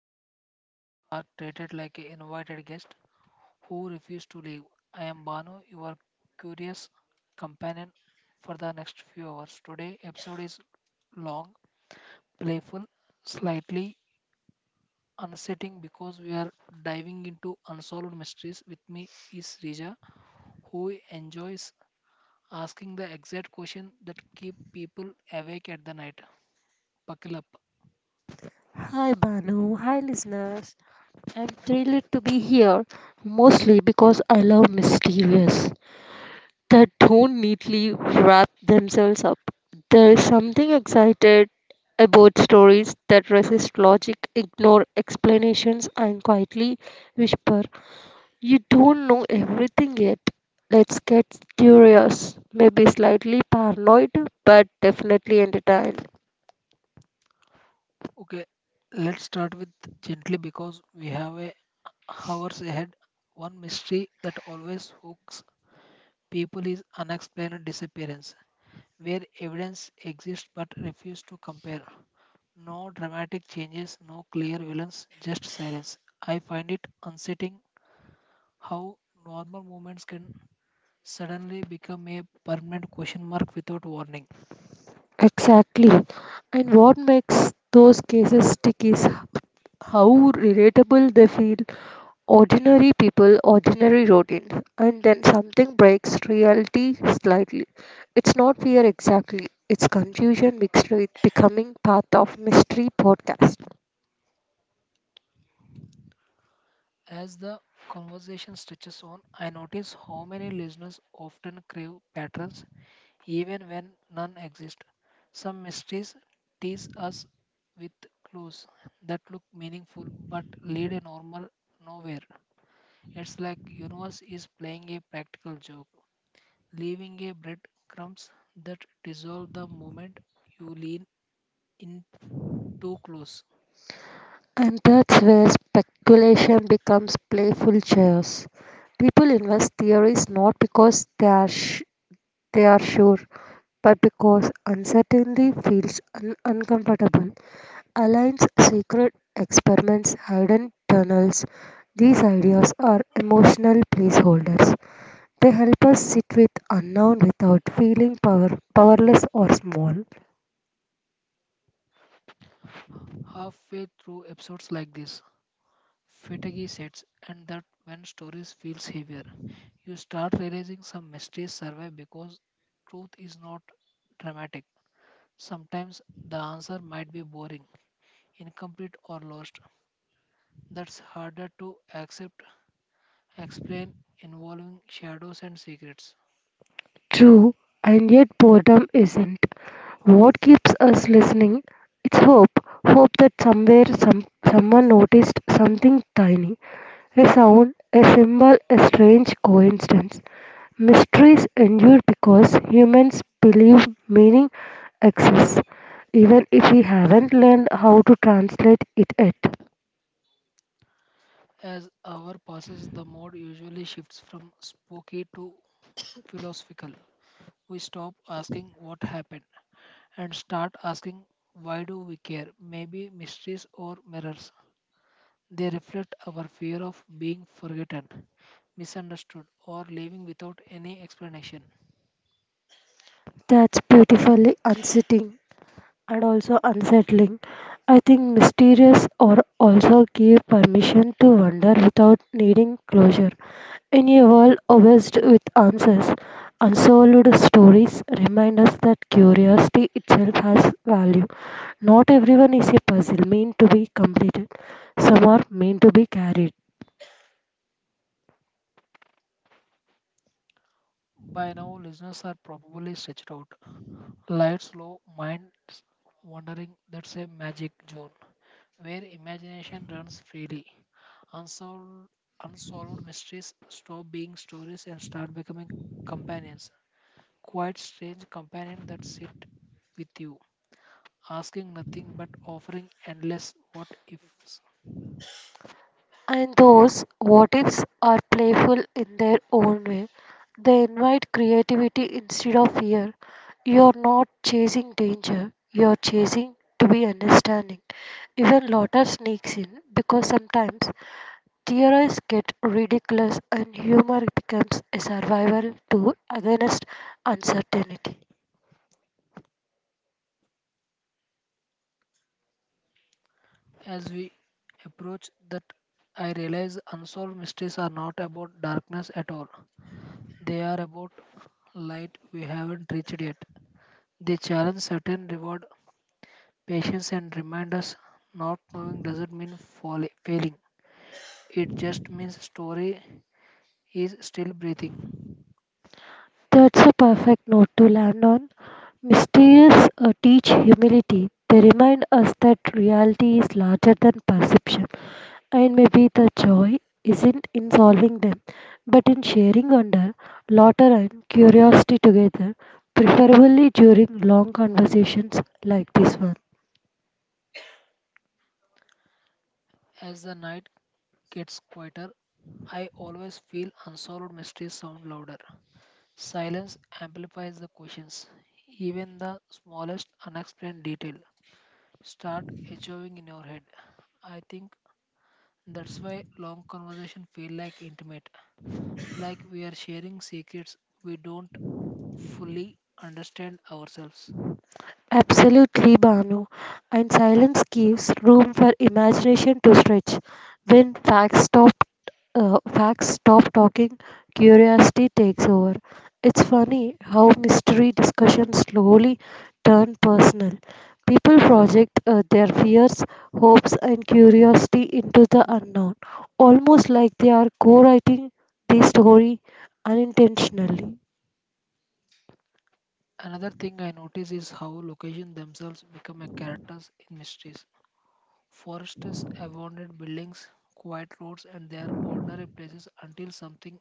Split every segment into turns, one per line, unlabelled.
unanswered questions are treated like an invited guest who refuse to leave. I am Banu, your curious companion for the next few hours. Today, episode is long, playful, slightly unsettling because we are diving into unsolved mysteries. With me is Rija, who enjoys asking the exact question that keep people awake at the night. Buckle up.
Hi Banu, hi listeners. I'm thrilled to be here mostly because I love mysterious that don't neatly wrap themselves up. There is something excited about stories that resist logic, ignore explanations, and quietly whisper, "You don't know everything yet." Let's get curious, maybe slightly paranoid, but definitely entertained.
Okay, let's start with gently because we have a hours ahead. One mystery that always hooks people is unexplained disappearance, where evidence exists but refuse to compare. No dramatic changes, no clear villains, just silence. I find it unsettling how normal moments can suddenly become a permanent question mark without warning.
Exactly. And what makes those cases stick is how relatable they feel. Ordinary people, ordinary routines, and then something breaks reality slightly. It's not fear exactly, it's confusion mixed with becoming part of mystery podcast.
As the conversation stretches on, I notice how many listeners often crave patterns even when none exist. Some mysteries tease us with clues that look meaningful but lead a normal nowhere. It's like universe is playing a practical joke, leaving a breadcrumbs that dissolve the moment you lean in too close.
And that's where speculation becomes playful chaos. People invest theories not because they are sure, but because uncertainty feels uncomfortable. Align's secret experiments, hidden tunnels, these ideas are emotional placeholders. They help us sit with unknown without feeling powerless or small.
Halfway through episodes like this, fatigue sets, and that when stories feels heavier, you start realizing some mysteries survive because truth is not dramatic. Sometimes the answer might be boring, incomplete, or lost. That's harder to accept, explain, involving shadows and secrets.
True, and yet boredom isn't. What keeps us listening? It's hope. Hope that somewhere someone noticed something tiny. A sound, a symbol, a strange coincidence. Mysteries endure because humans believe meaning exists, even if we haven't learned how to translate it yet.
As hour passes, the mode usually shifts from spooky to philosophical. We stop asking what happened and start asking why do we care? Maybe mysteries or mirrors. They reflect our fear of being forgotten, misunderstood, or living without any explanation.
That's beautifully unsettling. And also unsettling. I think mysterious or also give permission to wonder without needing closure. In a world obsessed with answers, unsolved stories remind us that curiosity itself has value. Not everyone is a puzzle meant to be completed. Some are meant to be carried.
By now, listeners are probably stretched out, lights low, minds wandering. That's a magic zone where imagination runs freely. Unsolved, unsolved mysteries stop being stories and start becoming companions. Quite strange companions that sit with you, asking nothing but offering endless what ifs.
And those what ifs are playful in their own way. They invite creativity instead of fear. You're not chasing danger, you're chasing to be understanding. Even laughter sneaks in because sometimes theories get ridiculous and humor becomes a survival tool against uncertainty.
As we approach that, I realize unsolved mysteries are not about darkness at all. They are about light we haven't reached yet. They challenge certain reward patience and remind us not knowing doesn't mean failing. It just means story is still breathing.
That's a perfect note to land on. Mysteries teach humility. They remind us that reality is larger than perception, and maybe the joy isn't in solving them, but in sharing wonder, laughter, and curiosity together, preferably during long conversations like this one.
As the night gets quieter, I always feel unsolved mysteries sound louder. Silence amplifies the questions. Even the smallest unexplained detail start echoing in your head. I think that's why long conversation feel like intimate. Like we are sharing secrets we don't fully understand ourselves.
Absolutely, Banu. And silence gives room for imagination to stretch. When facts stop talking, curiosity takes over. It's funny how mystery discussions slowly turn personal. People project their fears, hopes, and curiosity into the unknown, almost like they are co-writing the story unintentionally.
Another thing I notice is how locations themselves become a characters in mysteries. Forests, abandoned buildings, quiet roads, and their ordinary places until something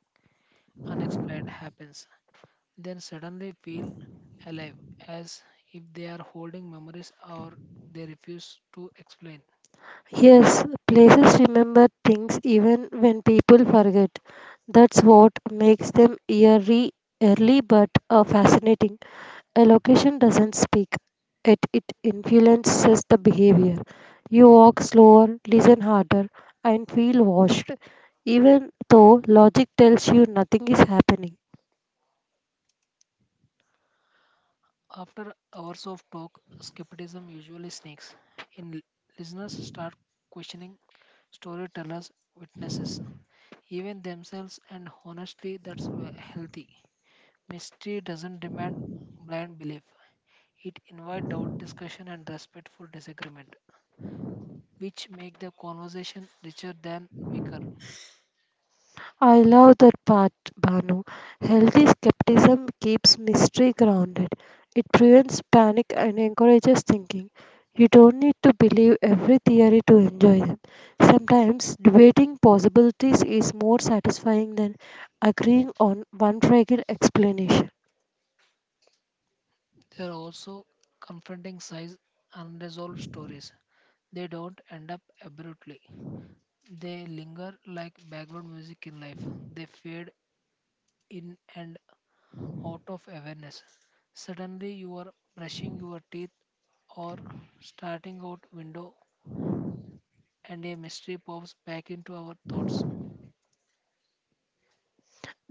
unexplained happens. Then suddenly feel alive, as if they are holding memories or they refuse to explain.
Yes, places remember things even when people forget. That's what makes them eerie, early but fascinating. A location doesn't speak, it influences the behavior. You walk slower, listen harder, and feel washed, even though logic tells you nothing is happening.
After hours of talk, skepticism usually sneaks in. Listeners start questioning storytellers, witnesses, even themselves, and honestly, that's healthy. Mystery doesn't demand blind belief. It invites doubt, discussion, and respectful disagreement, which make the conversation richer than weaker.
I love that part, Banu. Healthy skepticism keeps mystery grounded. It prevents panic and encourages thinking. You don't need to believe every theory to enjoy them. Sometimes debating possibilities is more satisfying than agreeing on one fragile explanation.
They are also confronting size unresolved stories. They don't end up abruptly. They linger like background music in life. They fade in and out of awareness. Suddenly, you are brushing your teeth or starting out window, and a mystery pops back into our thoughts.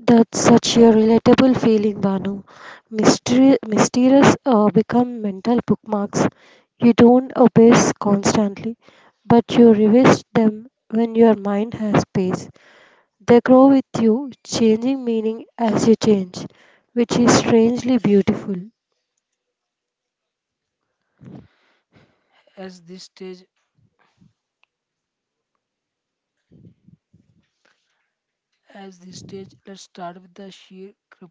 That's such a relatable feeling, Banu. Mysterious become mental bookmarks. You don't obsess constantly, but you revisit them when your mind has space. They grow with you, changing meaning as you change, which is strangely beautiful.
As this stage, as this stage, let's start with the sheer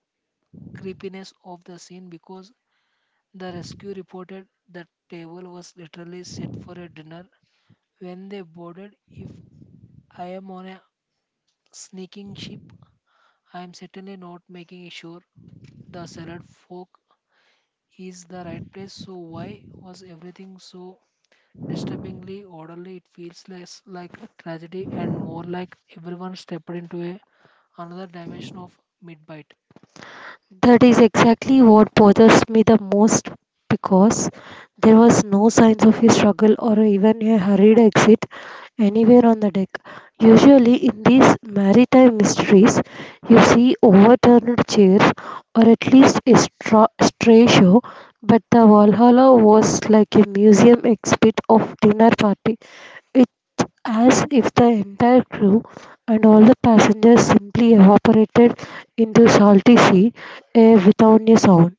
creepiness of the scene because the rescue reported that table was literally set for a dinner when they boarded. If I am on a sneaking ship, I am certainly not making sure the salad fork is the right place, so why was everything so disturbingly orderly? It feels less like tragedy and more like everyone stepped into a another dimension of mid bite.
That is exactly what bothers me the most because there was no signs of a struggle or even a hurried exit anywhere on the deck. Usually, in these maritime mysteries, you see overturned chairs or at least a stray show, but the Valhalla was like a museum exhibit of dinner party as if the entire crew and all the passengers simply evaporated into salty sea air without a sound.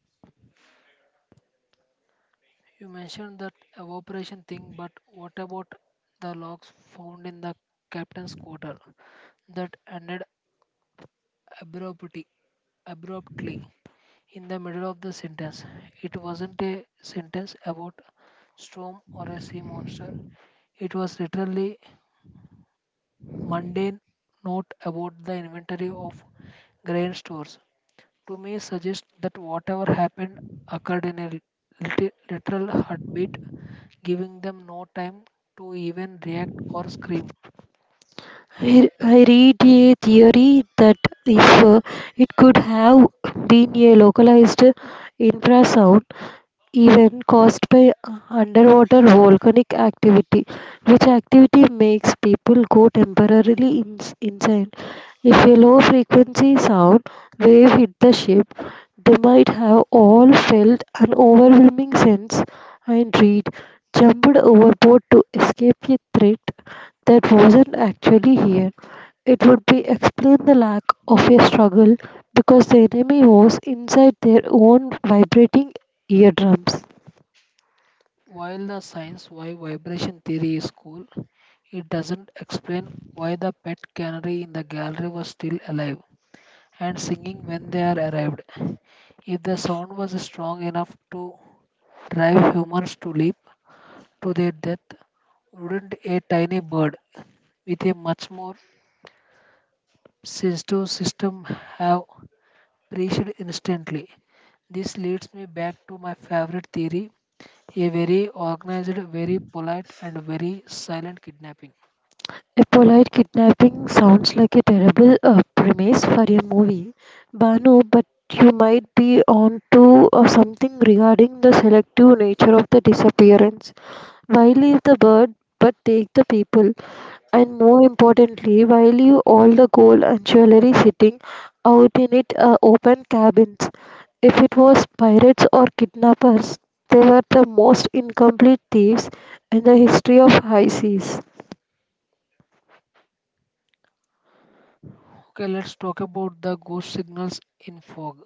You mentioned that evaporation thing, but what about the logs found in the captain's quarter that ended abruptly? Abruptly, in the middle of the sentence. It wasn't a sentence about storm or a sea monster. It was literally mundane note about the inventory of grain stores. To me, suggests that whatever happened occurred in a literal heartbeat, giving them no time to even react or scream.
I read a theory that if it could have been a localized infrasound even caused by underwater volcanic activity, which activity makes people go temporarily insane. If a low frequency sound wave hit the ship, they might have all felt an overwhelming sense and read jumped overboard to escape a threat that wasn't actually here. It would be explain the lack of a struggle because the enemy was inside their own vibrating eardrums.
While the science why vibration theory is cool, it doesn't explain why the pet canary in the gallery was still alive and singing when they are arrived. If the sound was strong enough to drive humans to leap to their death, wouldn't a tiny bird with a much more sensitive system have perished instantly? This leads me back to my favorite theory a very organized, very polite, and very silent kidnapping.
A polite kidnapping sounds like a terrible premise for a movie, Banu, but you might be onto something regarding the selective nature of the disappearance. Why leave the bird but take the people? And more importantly, why leave all the gold and jewelry sitting out in it open cabins? If it was pirates or kidnappers, they were the most incomplete thieves in the history of high seas.
Okay, let's talk about the ghost signals in fog.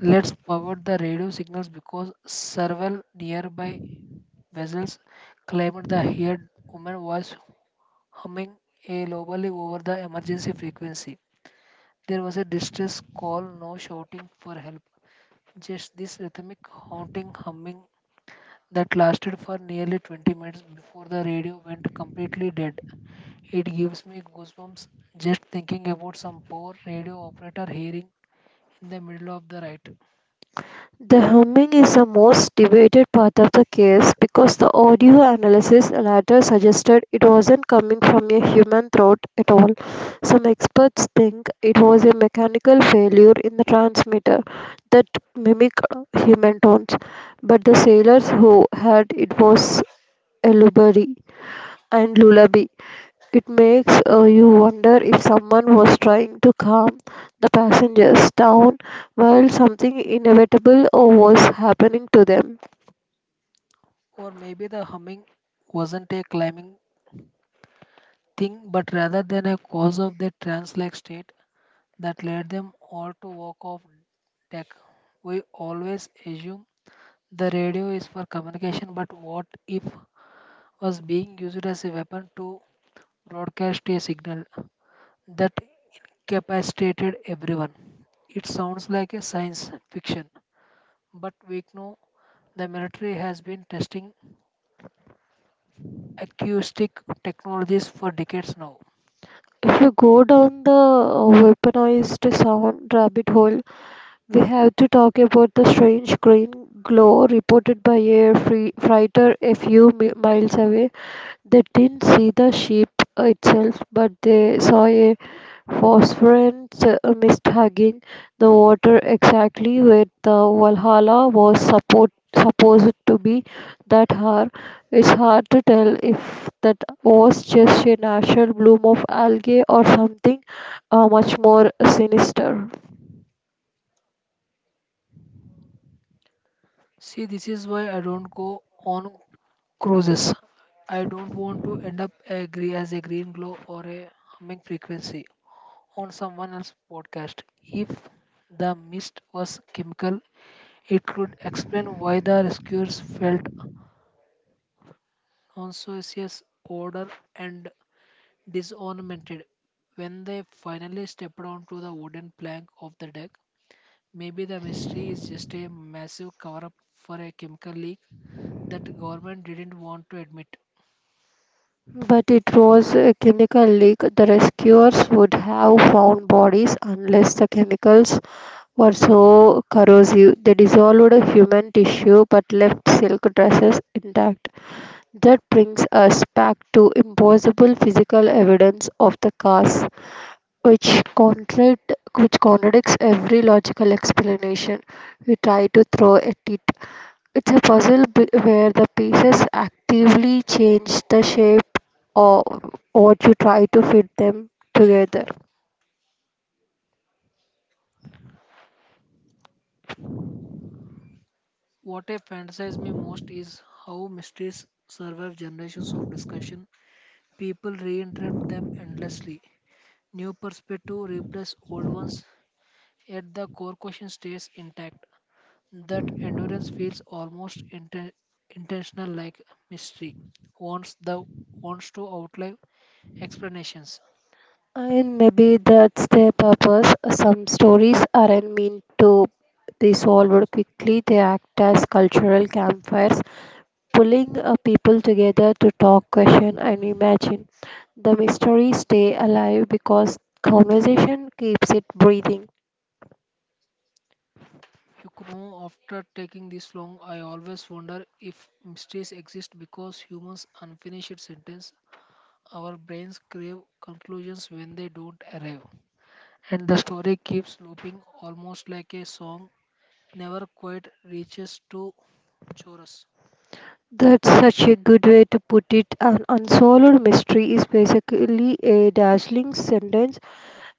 Let's power the radio signals because several nearby vessels claimed the heard woman was humming a lowly over the emergency frequency. There was a distress call, no shouting for help, just this rhythmic haunting humming that lasted for nearly 20 minutes before the radio went completely dead. It gives me goosebumps just thinking about some poor radio operator hearing in the middle of the night.
The humming is the most debated part of the case because the audio analysis later suggested it wasn't coming from a human throat at all. Some experts think it was a mechanical failure in the transmitter that mimicked human tones, but the sailors who heard it was a lullaby it makes you wonder if someone was trying to calm the passengers down while something inevitable was happening to them.
Or maybe the humming wasn't a climbing thing, but rather than a cause of their trance like state that led them all to walk off deck. We always assume the radio is for communication, but what if was being used as a weapon to broadcast a signal that incapacitated everyone? It sounds like a science fiction, but we know the military has been testing acoustic technologies for decades now.
If you go down the weaponized sound rabbit hole, we have to talk about the strange green glow reported by a free freighter a few miles away. They didn't see the ship itself, but they saw a Phosphorus missed hugging the water exactly where the Valhalla was supposed to be that hour. It's hard to tell if that was just a natural bloom of algae or something much more sinister.
See, this is why I don't go on cruises. I don't want to end up agree as a green glow or a humming frequency on someone else's podcast. If the mist was chemical, it could explain why the rescuers felt nauseous odor and disoriented when they finally stepped onto the wooden plank of the deck. Maybe the mystery is just a massive cover up for a chemical leak that the government didn't want to admit.
But it was a chemical leak. The rescuers would have found bodies unless the chemicals were so corrosive. They dissolved human tissue but left silk dresses intact. That brings us back to impossible physical evidence of the cause, which, contradict, which contradicts every logical explanation we try to throw at it. It's a puzzle where the pieces actively change the shape or what you try to fit them together.
What I fantasize me most is how mysteries survive generations of discussion. People reinterpret them endlessly. New perspective replace old ones, yet the core question stays intact. That endurance feels almost intentional like mystery. Wants the wants to outlive explanations.
And maybe that's their purpose. Some stories aren't meant to be solved quickly, they act as cultural campfires, pulling people together to talk, question, and imagine. The mysteries stay alive because conversation keeps it breathing.
You know, after taking this long, I always wonder if mysteries exist because humans unfinished sentence. Our brains crave conclusions when they don't arrive. And the story keeps looping almost like a song never quite reaches to chorus.
That's such a good way to put it. An unsolved mystery is basically a dazzling sentence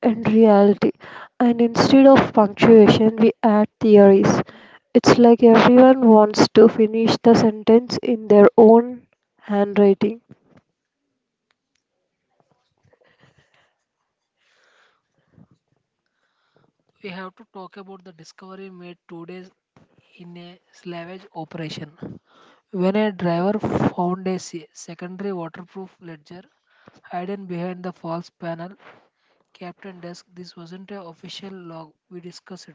and reality. And instead of punctuation, we add theories. It's like everyone wants to finish the sentence in their own handwriting.
We have to talk about the discovery made 2 days in a salvage operation. When a driver found a secondary waterproof ledger hidden behind the false panel, Captain Dusk, this wasn't an official log we discussed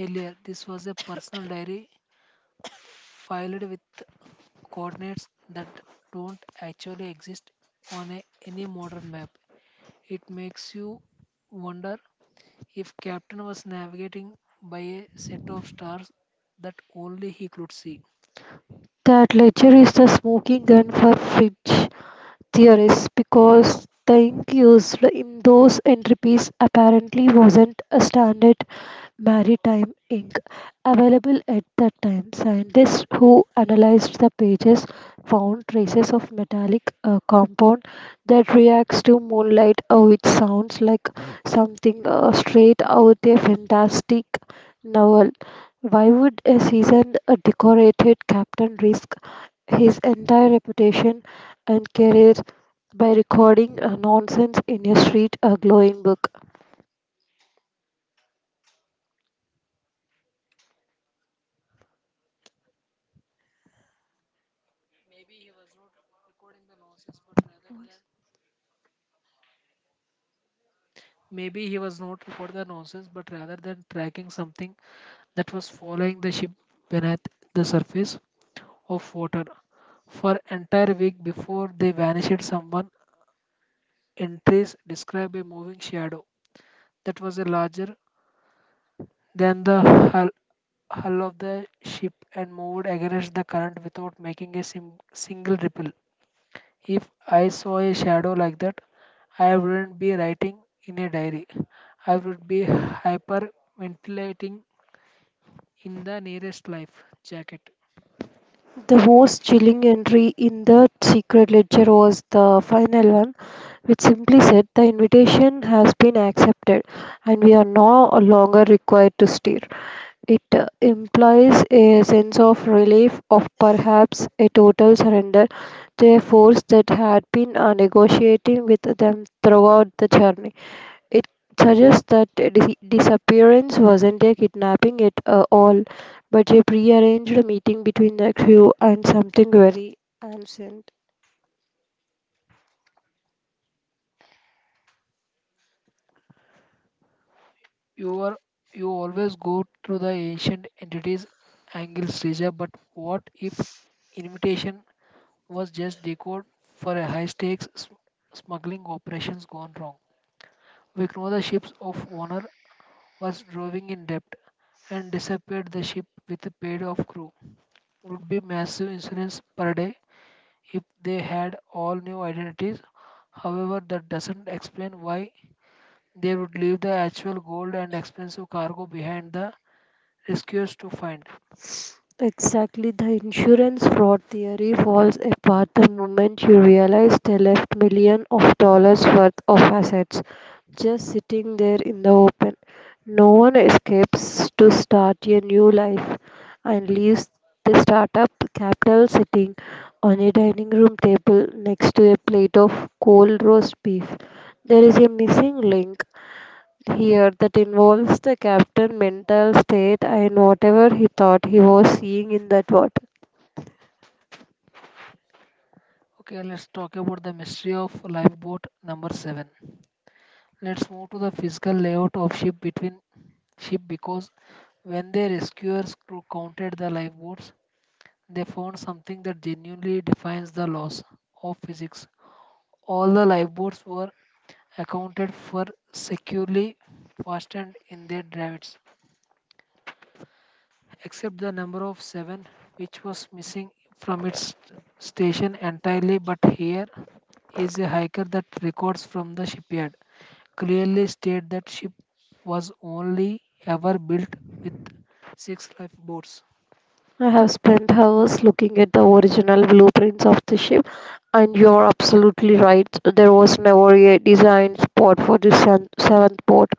earlier. This was a personal diary filed with coordinates that don't actually exist on a, any modern map. It makes you wonder if Captain was navigating by a set of stars that only he could see.
That ledger is the smoking gun for fridge theorists because the ink used in those entries apparently wasn't a standard Maritime Inc., available at that time. Scientists who analyzed the pages found traces of metallic compound that reacts to moonlight, which sounds like something straight out a fantastic novel. Why would a seasoned, decorated captain risk his entire reputation and career by recording nonsense in a street glowing book?
Maybe he was not recording the nonsense, but rather than tracking something that was following the ship beneath the surface, of water for entire week before they vanished someone entries describe a moving shadow that was larger than the hull, hull of the ship and moved against the current without making a single ripple. If I saw a shadow like that, I wouldn't be writing in a diary, I would be hyperventilating in the nearest life jacket.
The most chilling entry in the secret ledger was the final one, which simply said the invitation has been accepted and we are no longer required to steer. It implies a sense of relief, of perhaps a total surrender to a force that had been negotiating with them throughout the journey. It suggests that the disappearance wasn't a kidnapping at all, but a prearranged meeting between the crew and something very ancient.
You are you always go through the ancient entities angles Reja, but what if invitation was just decode for a high stakes smuggling operations gone wrong? We know the ships of honor was drowning in debt and disappeared the ship with a paid off crew. Would be massive insurance per day if they had all new identities. However, that doesn't explain why they would leave the actual gold and expensive cargo behind the rescuers to find.
Exactly, the insurance fraud theory falls apart the moment you realize they left millions of dollars worth of assets just sitting there in the open. No one escapes to start a new life and leaves They start up the capital sitting on a dining room table next to a plate of cold roast beef. There is a missing link here that involves the captain' mental state and whatever he thought he was seeing in that watch.
Okay, let's talk about the mystery of lifeboat number 7. Let's move to the physical layout of ship because when the rescuers counted the lifeboats, they found something that genuinely defines the laws of physics. All the lifeboats were accounted for securely fastened in their davits, except the number of seven, which was missing from its station entirely. But here is a hiker that records from the shipyard clearly state that ship was only ever built with six lifeboats.
I have spent hours looking at the original blueprints of the ship, and you are absolutely right. There was never a designed spot for the seventh boat,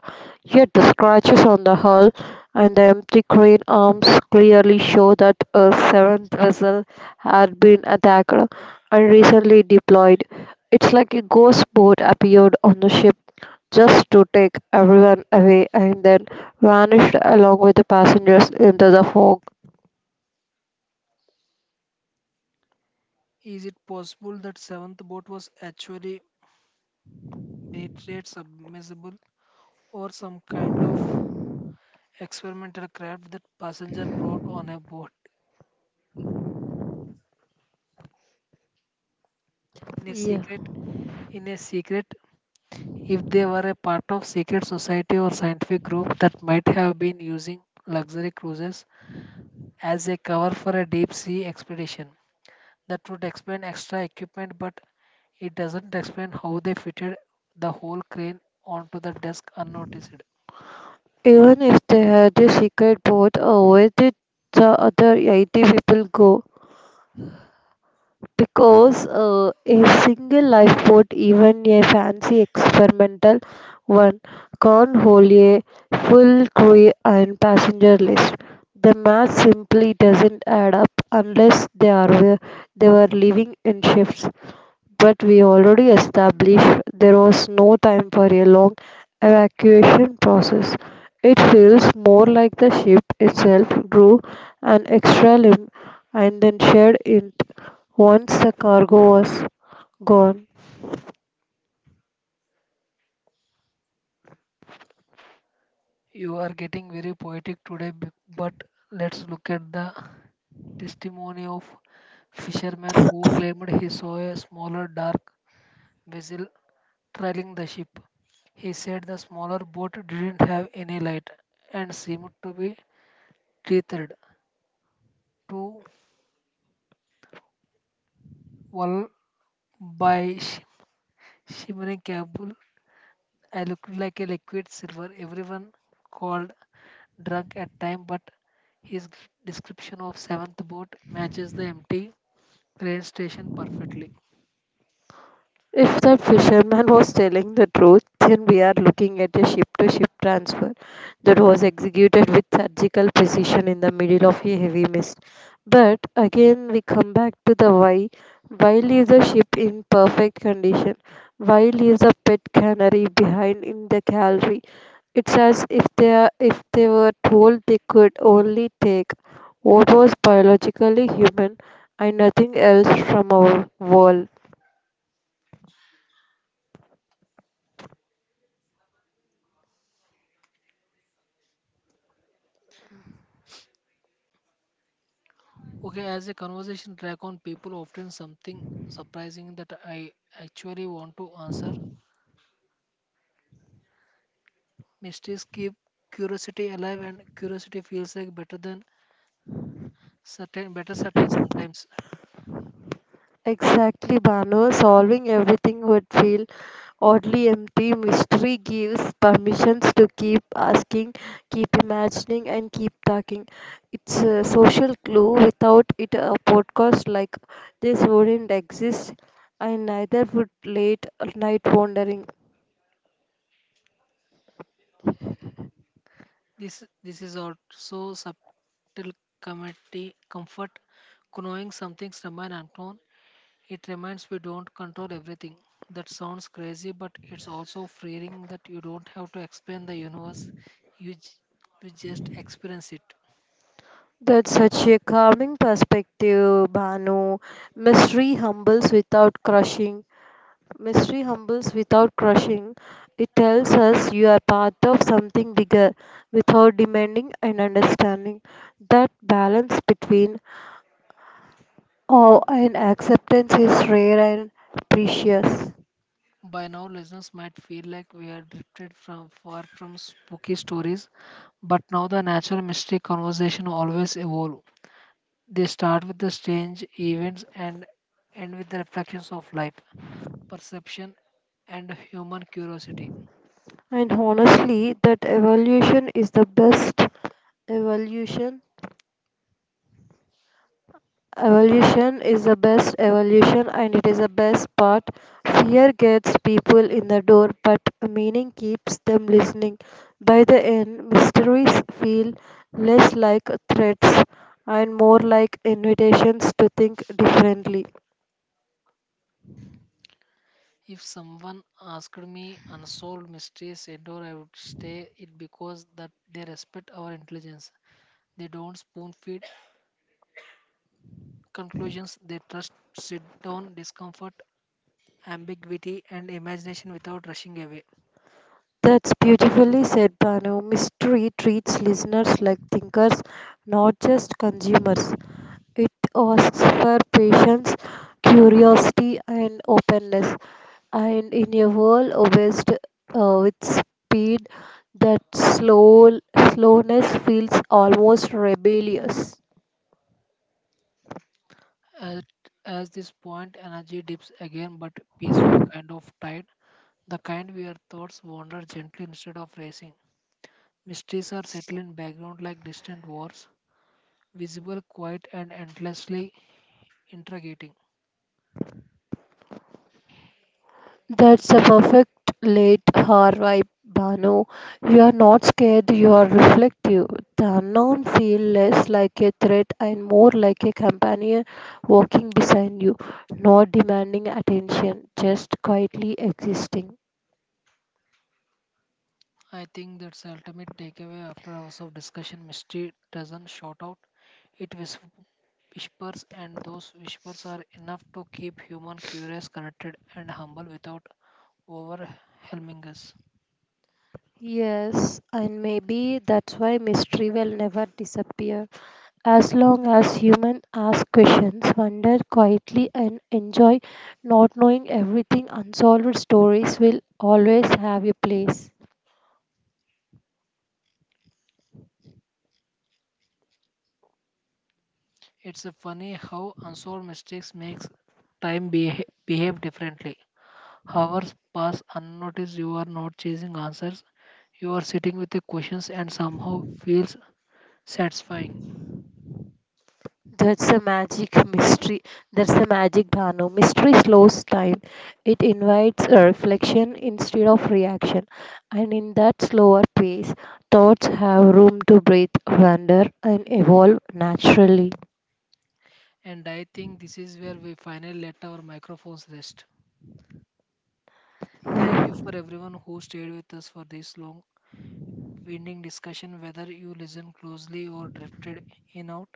yet the scratches on the hull and the empty crane arms clearly show that a seventh vessel had been attacked and recently deployed. It's like a ghost boat appeared on the ship just to take everyone away and then vanished along with the passengers into the fog.
Is it possible that seventh boat was actually military submersible or some kind of experimental craft that passenger brought on a boat in a
Yeah.
secret in a secret if they were a part of secret society or scientific group that might have been using luxury cruises as a cover for a deep sea expedition, that would explain extra equipment, but it doesn't explain how they fitted the whole crane onto the desk unnoticed.
Even if they had a secret vote, where did the other 80 people go? Because a single lifeboat, even a fancy experimental one, can't hold a full crew and passenger list. The math simply doesn't add up unless they were living in shifts. But we already established there was no time for a long evacuation process. It feels more like the ship itself grew an extra limb and then shed it once the cargo was gone.
You are getting very poetic today, but let's look at the testimony of fisherman who claimed he saw a smaller dark vessel trailing the ship. He said the smaller boat didn't have any light and seemed to be tethered to wall by shimmering cable. I looked like a liquid silver. Everyone called drunk at time, but his description of seventh boat matches the empty train station perfectly.
If that fisherman was telling the truth, then we are looking at a ship to ship transfer that was executed with surgical precision in the middle of a heavy mist. But again, we come back to the why. Why leave the ship in perfect condition? Why leave the pet canary behind in the gallery? It's as if if they were told they could only take what was biologically human and nothing else from our world.
Okay, as a conversation track on people often something surprising that I actually want to answer. Mysteries keep curiosity alive, and curiosity feels like better than certain, better certain sometimes.
Exactly, Bano. Solving everything would feel oddly empty. Mystery gives permissions to keep asking, keep imagining, and keep talking. It's a social clue. Without it, a podcast like this wouldn't exist, and neither would late night wandering.
This is also subtle comedy comfort. Knowing something's remain unknown, it reminds we don't control everything. That sounds crazy, but it's also freeing that you don't have to explain the universe. You j- you just experience it.
That's such a calming perspective, Banu. Mystery humbles without crushing. Mystery humbles without crushing. It tells us you are part of something bigger without demanding an understanding. That balance between awe and acceptance is rare and precious.
By now, listeners might feel like we are drifted from far from spooky stories, but now the natural mystery conversation always evolve. They start with the strange events and end with the reflections of life, perception, and human curiosity.
And honestly, that evolution is the best evolution Evolution is the best evolution and it is the best part. Fear gets people in the door, but meaning keeps them listening. By the end, mysteries feel less like threats and more like invitations to think differently.
If someone asked me unsolved mysteries indoor, I would stay it because that they respect our intelligence. They don't spoon feed conclusions. They trust sit down discomfort ambiguity, and imagination without rushing away.
That's beautifully said, Banu. Mystery treats listeners like thinkers, not just consumers. It asks for patience, curiosity, and openness. And in a world obsessed with speed, that slowness feels almost rebellious.
At, as this point, energy dips again, but peaceful kind of tide, the kind where thoughts wander gently instead of racing. Mysteries are settled in background like distant wars, visible, quiet, and endlessly interrogating.
That's a perfect late hour vibe, Bano. You are not scared, you are reflective. The unknown feels less like a threat and more like a companion walking beside you, not demanding attention, just quietly existing.
I think that's the ultimate takeaway after hours of discussion. Mystery doesn't shout out, it whispers, and those whispers are enough to keep human curious, connected, and humble without overwhelming us.
Yes, and maybe that's why mystery will never disappear. As long as humans ask questions, wonder quietly, and enjoy not knowing everything, unsolved stories will always have a place.
It's a funny how unsolved mistakes makes time behave differently. Hours pass unnoticed. You are not chasing answers. You are sitting with the questions and somehow feels satisfying.
That's a magic mystery. That's a magic Dhanu. Mystery slows time. It invites a reflection instead of reaction. And in that slower pace, thoughts have room to breathe, wander, and evolve naturally.
And I think this is where we finally let our microphones rest. Thank
Yeah,
you for everyone who stayed with us for this long winding discussion whether you listened closely or drifted in out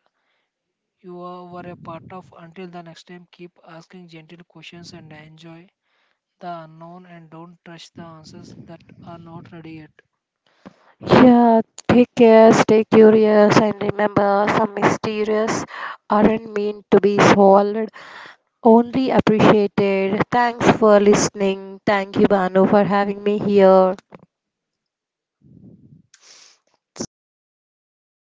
were a part of. Until the next time, keep asking gentle questions and enjoy the unknown and don't rush the answers that are not ready yet.
take care, stay curious, and remember some mysterious aren't meant to be swallowed, only appreciated. Thanks for listening. Thank you, Banu, for having me here. So, the